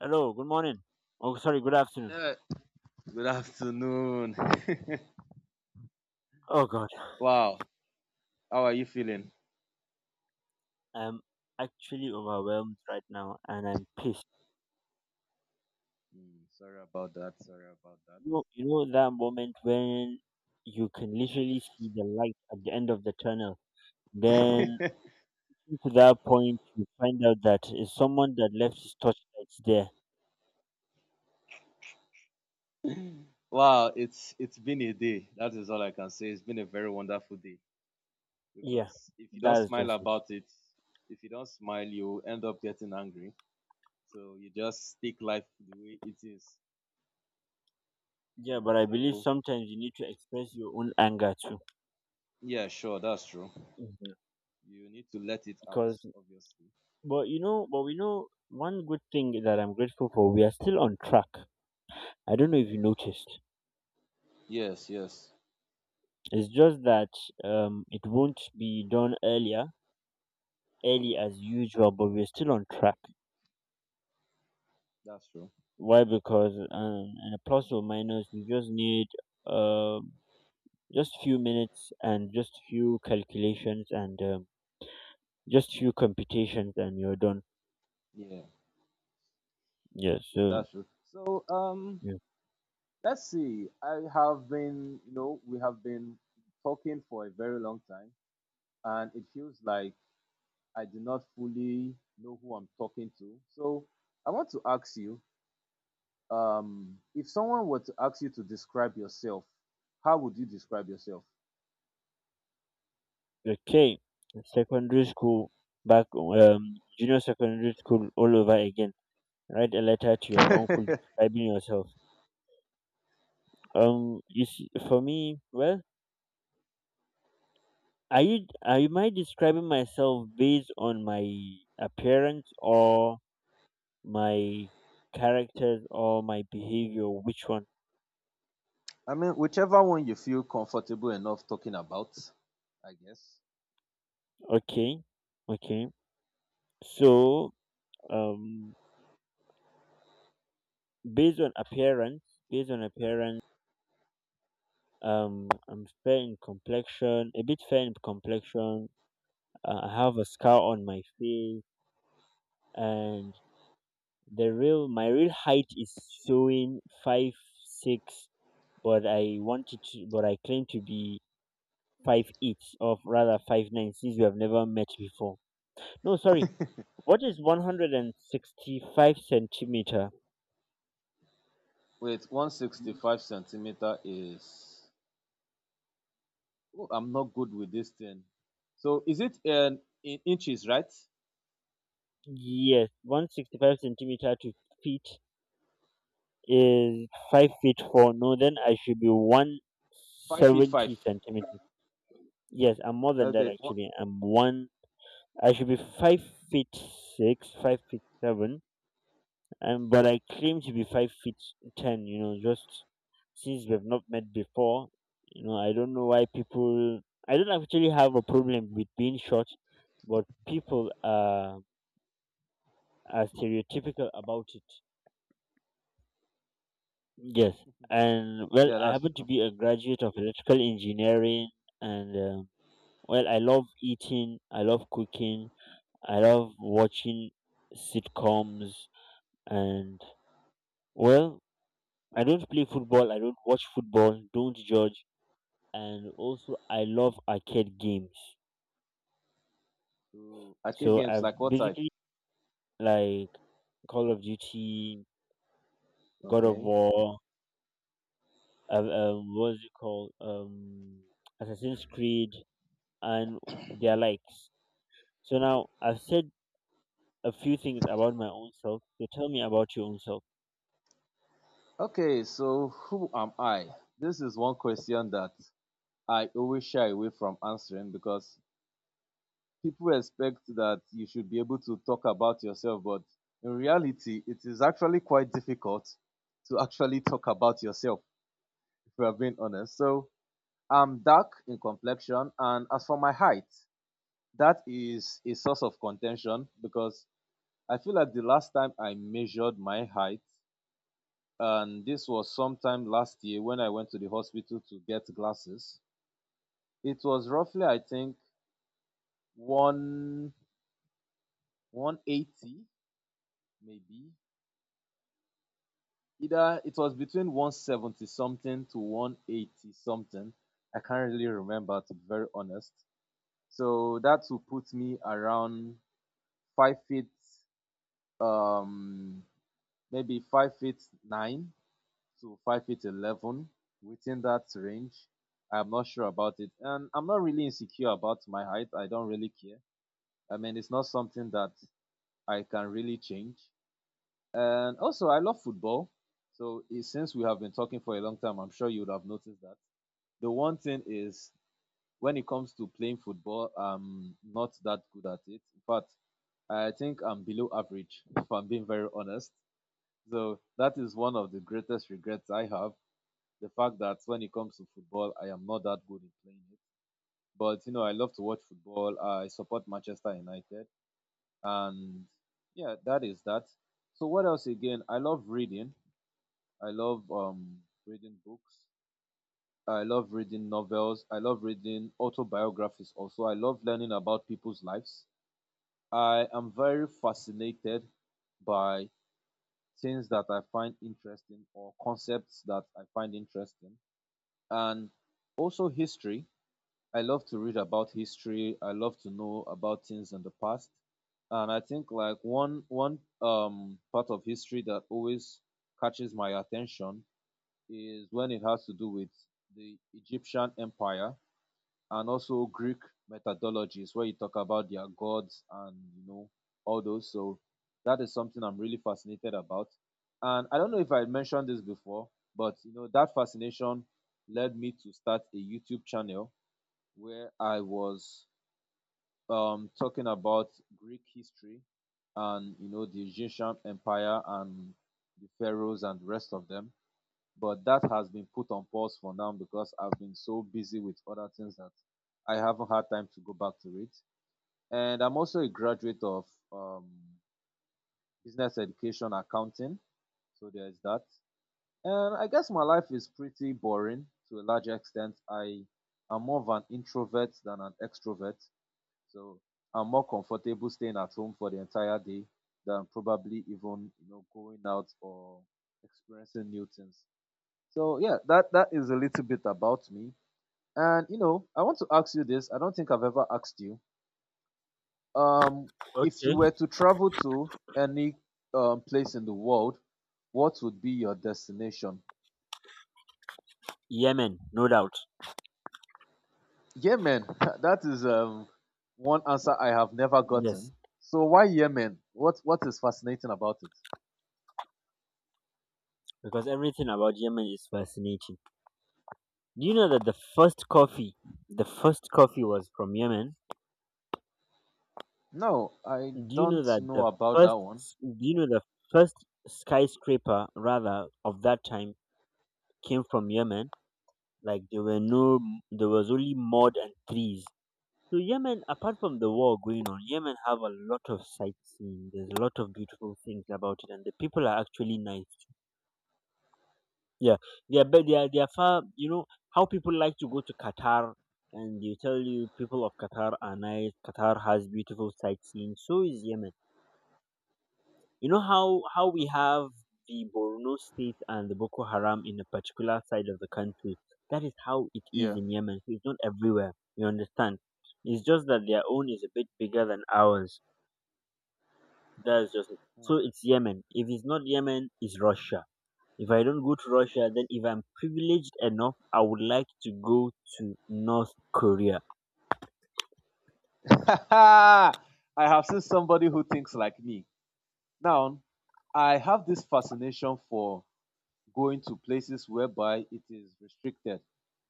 Hello, good morning. Oh, sorry, good afternoon. Yeah. Good afternoon. Oh God, Wow. How are you feeling? I'm actually overwhelmed right now, and I'm pissed. Sorry about that. Sorry about You know that moment when you can literally see the light at the end of the tunnel. Then that. to that point, you find out that it's someone that left his torchlights there. Wow, it's been a day. That is all I can say. It's been a very wonderful day, Yeah, because if you don't that's smile just it. about it, if you don't smile, you end up getting angry. So you just take life the way it is, you Yeah, know. but I believe So sometimes you need to express your own anger too. yeah, sure, that's true. Mhm. You need to let it out, because obviously. but you know, but we know one good thing that I'm grateful for. We are still on track. I don't know if you noticed. Yes, yes, It's just that it won't be done early as usual, but we're still on track. that's true. Why? Because in a plus or minus, we just need um just few minutes and just few calculations and just few computations, and you're done. Yeah, Yeah. that's true. So That's true. So yeah. let's see. I have been, you know, we have been talking for a very long time, and it feels like I do not fully know who I'm talking to. So I want to ask you, if someone were to ask you to describe yourself, how would you describe yourself? Okay, secondary school back, junior secondary school all over again. Write a letter to your uncle I describing yourself. You see, for me, well, are you I describing myself based on my appearance or my characters or my behavior? Which one? mean, whichever one you feel comfortable enough talking about, I guess. Okay, okay. So, um, based on appearance, based on appearance, I'm fair in complexion, a bit fair in complexion. I have a scar on my face, and the real my real height is showing 5'6", but I claim to be 5'8", or rather 5'9", since you have never met before. No, sorry, what is 165 centimeter? Wait, 165 centimeter is. Oh, I'm not good with this thing. So is it in inches, right? Yes, 165 centimeter to feet is 5'4". No, then I should be 5 feet five. 170 centimeters. Yes, I'm more than that, Okay. What? actually. I should be 5'6", 5'7". But I claim to be 5'10". You know, just since we've not met before, I don't know why people. I don't actually have a problem with being short, but people are stereotypical about it. Yes, and well, Yeah, I that's happen to true. be a graduate of electrical engineering, and well, I love eating, I love cooking, I love watching sitcoms, and well, I don't play football, I don't watch football, don't judge, and also I love arcade games. So arcade So games I've like what type? basically like Call of Duty, God of Okay. War, what's it called? Assassin's Creed and their likes. So now I've said a few things about my own self. So tell me about your own self. Okay. So who am I? This is one question that I always shy away from answering, because people expect that you should be able to talk about yourself, but in reality, it is actually quite difficult to actually talk about yourself if we are being honest. So I'm dark in complexion, and as for my height, that is a source of contention, because I feel like the last time I measured my height, and this was sometime last year when I went to the hospital to get glasses, it was roughly, I think, one 180, maybe. Either it was between 170 something to 180 something. I can't really remember, to be very honest. So that will put me around 5 feet, um, maybe 5 feet nine to five feet 11, within that range. I'm not sure about it, and I'm not really insecure about my height. I don't really care. I mean, it's not something that I can really change. And also, I love football. So since we have been talking for a long time, I'm sure you would have noticed that. The one thing is, when it comes to playing football, I'm not that good at it. In fact, I think I'm below average, if I'm being very honest. So that is one of the greatest regrets I have, the fact that when it comes to football, I am not that good in playing it. But you know, I love to watch football. I support Manchester United, and yeah, that is that. So what else again? I love reading. I love reading books. I love reading novels. I love reading autobiographies. Also, I love learning about people's lives. I am very fascinated by things that I find interesting or concepts that I find interesting, and also history. I love to read about history. I love to know about things in the past. And I think like one part of history that always catches my attention is when it has to do with the Egyptian Empire, and also Greek methodologies, where you talk about their gods and you know all those. So that is something I'm really fascinated about. And I don't know if I mentioned this before, but you know that fascination led me to start a YouTube channel, where I was talking about Greek history and you know, the Egyptian Empire and the pharaohs and the rest of them. But that has been put on pause for now, because I've been so busy with other things that I haven't had time to go back to it. And I'm also a graduate of um, business education accounting, so there's that. And I guess my life is pretty boring to a large extent. I am more of an introvert than an extrovert. So I'm more comfortable staying at home for the entire day than probably even going out or experiencing new things. So yeah, that is a little bit about me. And you know, I want to ask you this. I don't think I've ever asked you. Um, if you Okay. were to travel to any place in the world, what would be your destination? Yemen, no doubt. Yemen. That is one answer I have never Yes. gotten. So why Yemen? What is fascinating about it? Because everything about Yemen is fascinating. Do you know Hmm. that the first coffee was from Yemen? No, I Do you know don't that know the about that first, one. do you know the first skyscraper rather of that time came from Yemen? Like there were no, there was only mud and trees. So Yemen, apart from the war going on, Yemen have a lot of sightseeing. There's a lot of beautiful things about it, and the people are actually nice. Yeah, yeah, but they are far. You know how people like to go to Qatar, and they tell you people of Qatar are nice. Qatar has beautiful sightseeing. So is Yemen. You know how we Okay. have the Borno state and the Boko Haram in a particular side of the country. That is how it is Yeah. in Yemen. So it's not everywhere. You understand? It's just that their own is a bit bigger than ours. That's just it. So Hmm. it's Yemen. If it's not Yemen, it's Russia. If I don't go to Russia, then if I'm privileged enough, I would like to go to North Korea. I have seen somebody who thinks like me. Now, I have this fascination for going to places whereby it is restricted.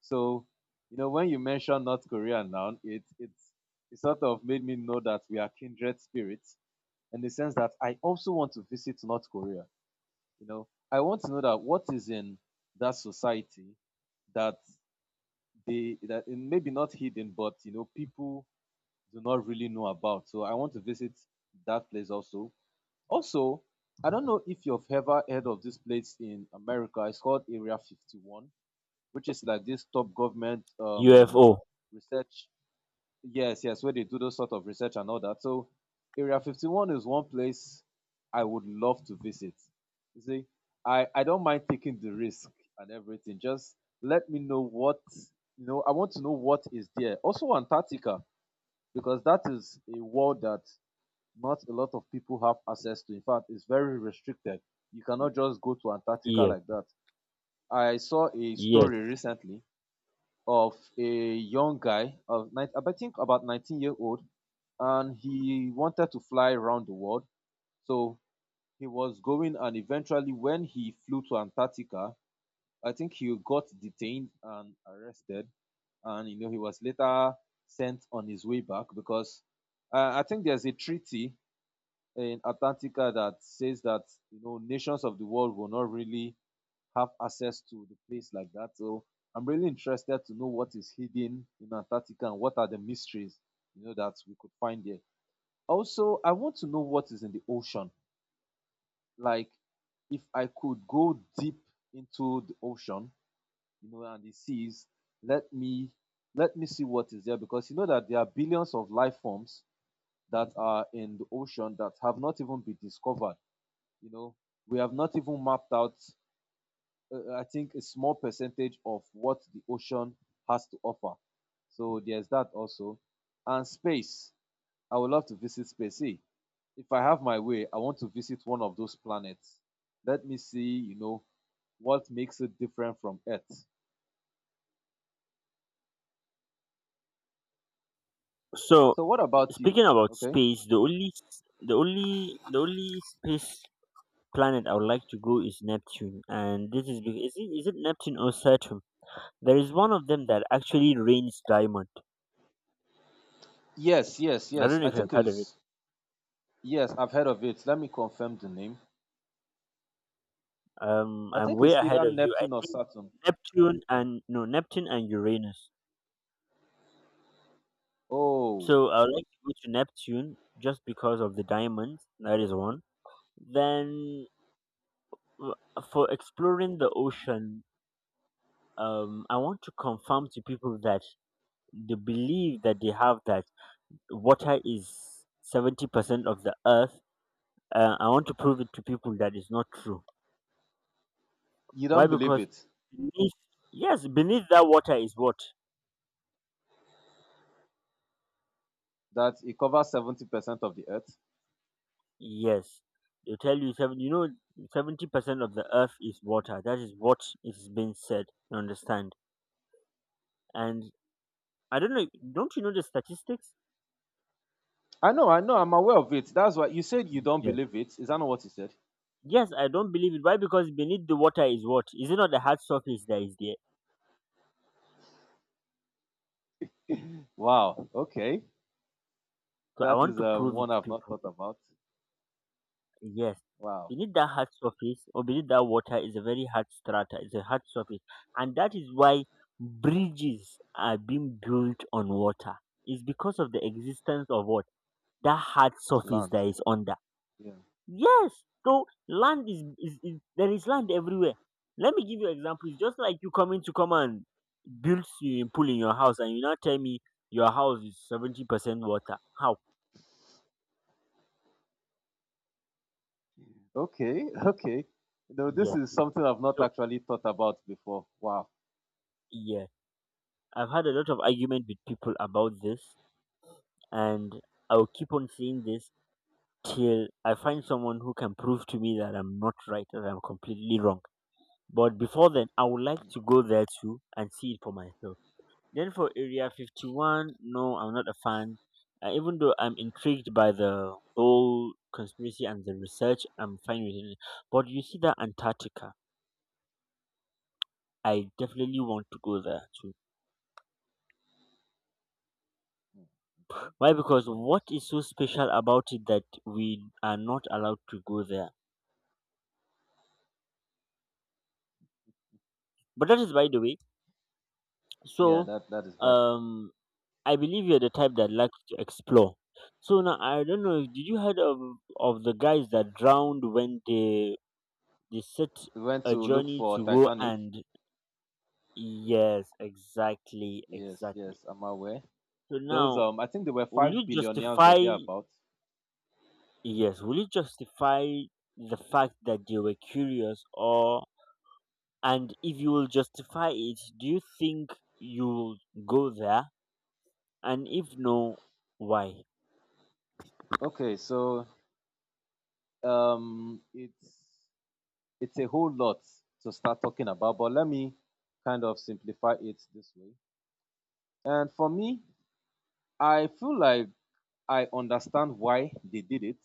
So, you know, when you mention North Korea now, it sort of made me know that we are kindred spirits, in the sense that I also want to visit North Korea. You know, I want to know that what is in that society that maybe not hidden, but you know, people do not really know about. So I want to visit that place also. Also, I don't know if you've ever heard of this place in America. It's called Area 51, which is like this top government UFO. research. Yes, yes, where they do those sort of research and all that. So Area 51 is one place I would love to visit. You see, I don't mind taking the risk and everything. Just let me know what, you know, I want to know what is there. Also Antarctica, because that is a world that not a lot of people have access to. In fact, it's very restricted. You cannot just go to Antarctica Yes, like that. I saw a yes. story recently of a young guy of nine, I think about 19-year old, and he wanted to fly around the world. So he was going, and eventually, when he flew to Antarctica, I think he got detained and arrested, and you know, he was later sent on his way back, because I think there's a treaty in Antarctica that says that you know, nations of the world will not really have access to the place like that. So I'm really interested to know what is hidden in Antarctica and what are the mysteries, you know, that we could find there. Also, I want to know what is in the ocean. Like, if I could go deep into the ocean, you know, and the seas, let me let me see what is there, because you know that there are billions of life forms that are in the ocean that have not even been discovered. You know, we have not even mapped out. I think a small percentage of what the ocean has to offer. So there's that also, and space. I would love to visit space. See, if I have my way, I want to visit one of those planets. Let me see, you know, what makes it different from Earth. So So what about you? speaking about Okay. space, the only s- the only space planet I would like to go is Neptune, and this is because is it Neptune or Saturn? There is one of them that actually rains diamond. Yes, yes, I yes. don't know I if you've think heard of it. is yes, I've heard of it. Let me confirm the name. I I'm think way it's ahead either of you. I Neptune or think Saturn. Neptune and no Neptune and Uranus. Oh, So I would like to go to Neptune just because of the diamonds. That is one. Then w- for exploring the ocean, I want to confirm to people that the belief that they have that water is 70% of the earth. I want to prove it to people that it's not true. you don't Why? believe Because it beneath, yes, beneath that water is what. that it covers 70% of the Earth? Yes, they tell you seven. 70% of the earth is water. That is what is being said. You understand? And I don't know, don't you know the statistics? I know, I'm aware of it. That's why you said you don't Yes. believe it. Is that not what you said? Yes, I don't believe it. Why? Because beneath the water is what? Is it not the hard surface that is there? Wow. Okay. So I That want is to prove it one to I've not people. thought about. Yes. Wow. Beneath that hard surface or beneath that water is a very hard strata, it's a hard surface. And that is why bridges are being built on water. It's because of the existence of what? That hard surface Land. that is under. Yeah. Yes. So land is there is land everywhere. Let me give you example. It's just like you coming to come and build swimming pool in your house, and you now tell me your house is 70% water. How? Okay, okay. No, this Yes. is something I've not So actually thought about before. Wow. yeah, I've had a lot of argument with people about this, and I'll keep on saying this till I find someone who can prove to me that I'm not right, that I'm completely wrong. But before then, I would like to go there too and see it for myself. Then for Area 51, no, I'm not a fan. Even though I'm intrigued by the whole conspiracy and the research, I'm fine with it. But you see that Antarctica, I definitely want to go there too. Hmm, okay. Why? Because Yeah, what that's true. is so special about it that we are not allowed to go there? But that is by the way. Yeah, So, that is bad. um, I believe you're the type that likes to explore. So now I don't know. Did you heard of the guys that drowned when they set We went a to look journey for to go, Titanic. and yes, exactly, Yes, exactly. yes, I'm aware. So Those now, I think they were will five you billionaires or justify thereabout. yes will you justify the fact that they were curious? Or And if you will justify it, do you think you'll go there? And if no, why? Okay, so um, it's it's a whole lot to start talking about, but let me kind of simplify it this way. And for me, I feel like I understand why they did it,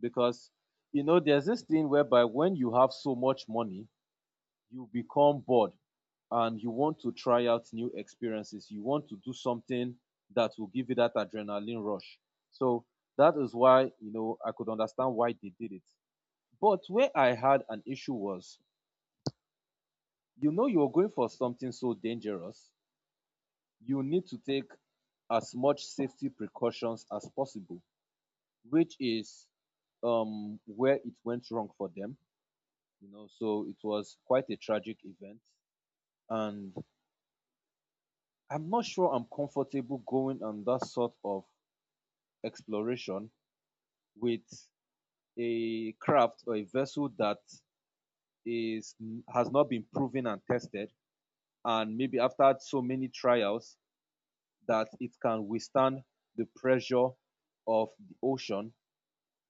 because you know there's this thing whereby when you have so much money you become bored, and you want to try out new experiences. You want to do something that will give you that adrenaline rush. So that is why, you know, I could understand why they did it. But where I had an issue was, you know, you're going for something so dangerous. You need to take as much safety precautions as possible, which is where it went wrong for them, you know. So it was quite a tragic event. And I'm not sure I'm comfortable going on that sort of exploration with a craft or a vessel that is has not been proven and tested, and maybe after so many trials that it can withstand the pressure of the ocean,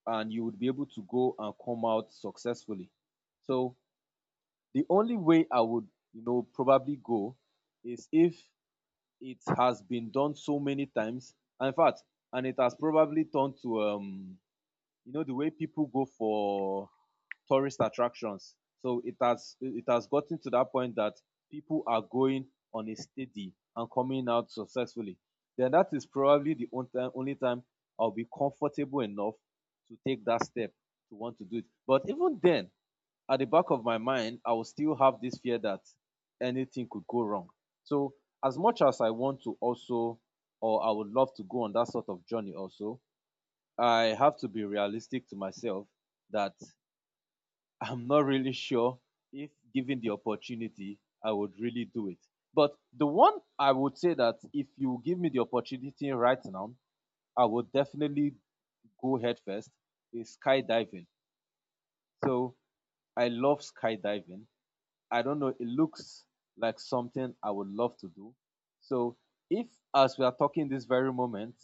and you would be able to go and come out successfully. So the only way I would probably go is if it has been done so many times. And in fact, and it has probably turned to the way people go for tourist attractions. So it has gotten to that point that people are going on a steady and coming out successfully. Then that is probably the only time I'll be comfortable enough to take that step to want to do it. But even then, at the back of my mind, I will still have this fear that anything could go wrong. So, as much as I want to also, or I would love to go on that sort of journey also, I have to be realistic to myself that I'm not really sure if given the opportunity, I would really do it. But the one I would say that if you give me the opportunity right now, I would definitely go head first is skydiving. So, I love skydiving. I don't know. It looks like something I would love to do. So if, as we are talking this very moment,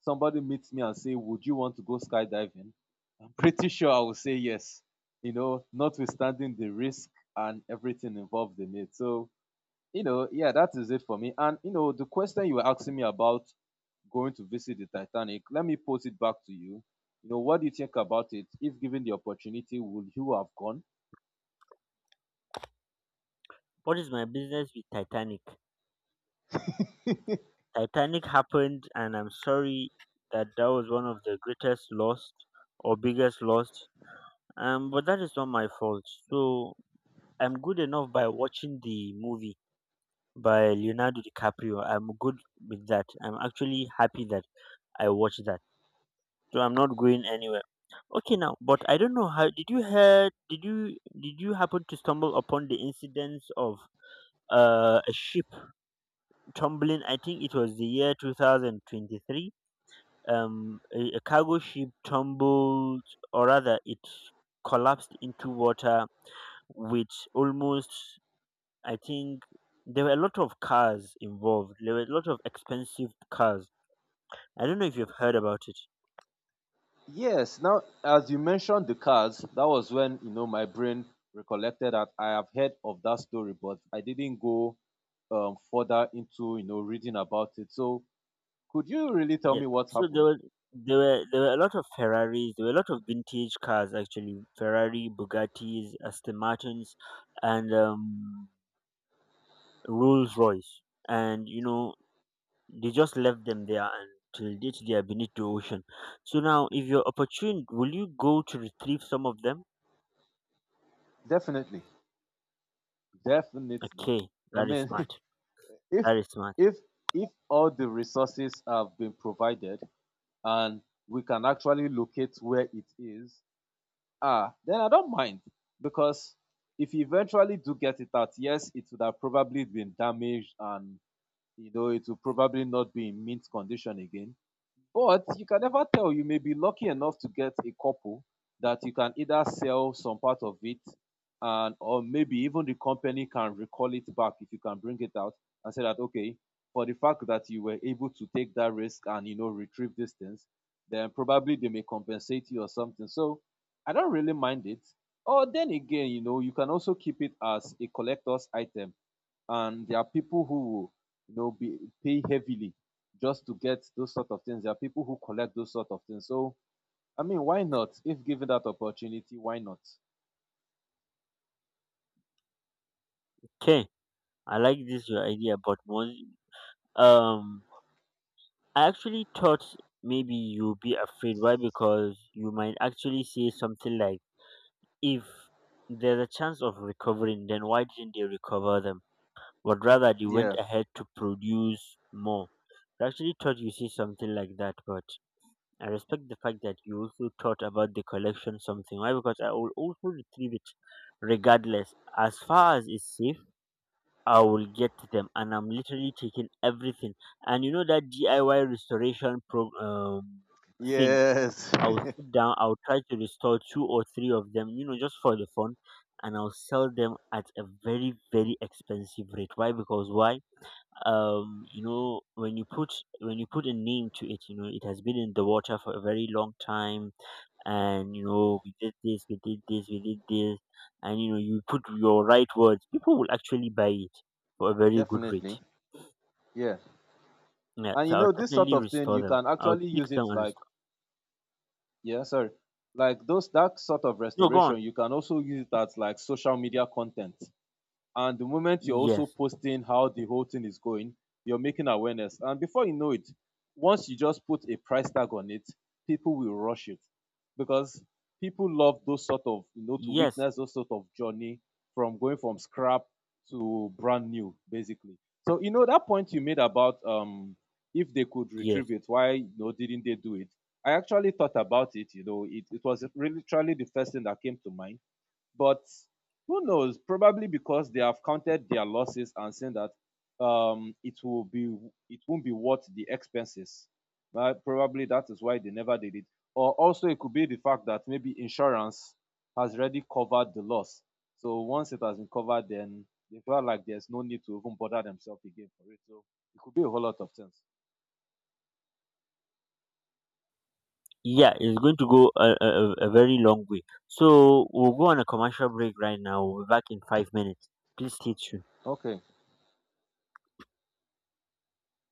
somebody meets me and say, "Would you want to go skydiving?" I'm pretty sure I will say yes. Notwithstanding the risk and everything involved in it. So yeah, that is it for me. And the question you were asking me about going to visit the Titanic, let me pose it back to you. You know what do you think about it? If given the opportunity, would you have gone? What is my business with Titanic? Titanic happened, and I'm sorry that that was one of the greatest lost, or biggest loss, but that is not my fault. So I'm good enough by watching the movie by Leonardo DiCaprio. I'm good with that. I'm actually happy that I watched that. So I'm not going anywhere. Okay, now. But I don't know, how did you hear did you happen to stumble upon the incidents of a ship tumbling? I think it was the year 2023. A cargo ship tumbled, or rather it collapsed into water, which almost I think there were a lot of cars involved. There were a lot of expensive cars. I don't know if you've heard about it. Yes, now as you mentioned the cars, that was when my brain recollected that I have heard of that story, but I didn't go further into reading about it. So could you really tell Yeah. me what So there happened? were there were there were a lot of Ferraris. There were a lot of vintage cars actually. Ferrari, Bugattis, Aston Martins, and Rolls Royce. And you know they just left them there. Until date, they are beneath the ocean. So now, if you're opportune, will you go to retrieve some of them? Definitely, definitely. Okay, I that is mean, smart. if That is smart. if if all the resources have been provided and we can actually locate where it is, ah, then I don't mind because if you eventually do get it out, yes, it would have probably been damaged and you know it will probably not be in mint condition again. But you can never tell, you may be lucky enough to get a couple that you can either sell some part of it and or maybe even the company can recall it back if you can bring it out and say that okay, for the fact that you were able to take that risk and you know retrieve these things, then probably they may compensate you or something. So I don't really mind it. Or then again, you know, you can also keep it as a collector's item and there are people who will be pay heavily just to get those sort of things. There are people who collect those sort of things. So, I mean, why not? If given that opportunity, why not? Okay, I like this your idea, but um, I actually thought maybe you'd be afraid. Why? Because you might actually say something like, "If there's a chance of recovering, then why didn't they recover them?" But rather, they went Yeah. ahead to produce more. I actually thought you say something like that, but I respect the fact that you also thought about the collection something. Why? Because I will also retrieve it, regardless. As far as it's safe. I will get to them, and I'm literally taking everything. And you know that DIY restoration pro thing. Yes. I will sit down. I will try to restore two or three of them, just for the fun, and I'll sell them at a very very expensive rate. Why? Because why? When you put a name to it, it has been in the water for a very long time, and we did this, we did this, we did this, and you put your right words, people will actually buy it for a very good rate. Definitely. Yeah. Yeah. And So you I'll know, this sort definitely of thing, restore you them. can I'll actually take use some it and like, restore. yeah, sorry, like those, that sort of No, go on. restoration, you can also use it as like social media content. And the moment you're also Yes, posting how the whole thing is going, you're making awareness. And before you know it, once you just put a price tag on it, people will rush it because people love those sort of, you know, to yes, witness those sort of journey from going from scrap to brand new, basically. So, you know, that point you made about if they could retrieve yes. it, why didn't they do it? I actually thought about it. You know, it was literally the first thing that came to mind but who knows? Probably because they have counted their losses and saying that um, it will be it won't be worth the expenses. Right? Probably that is why they never did it. Or also it could be the fact that maybe insurance has already covered the loss. So once it has been covered, then they felt like there's no need to even bother themselves again for it. So it could be a whole lot of things. Yeah, it's going to go a very long way. So we'll go on a commercial break right now. We'll be back in 5 minutes. Please stay tuned. Okay.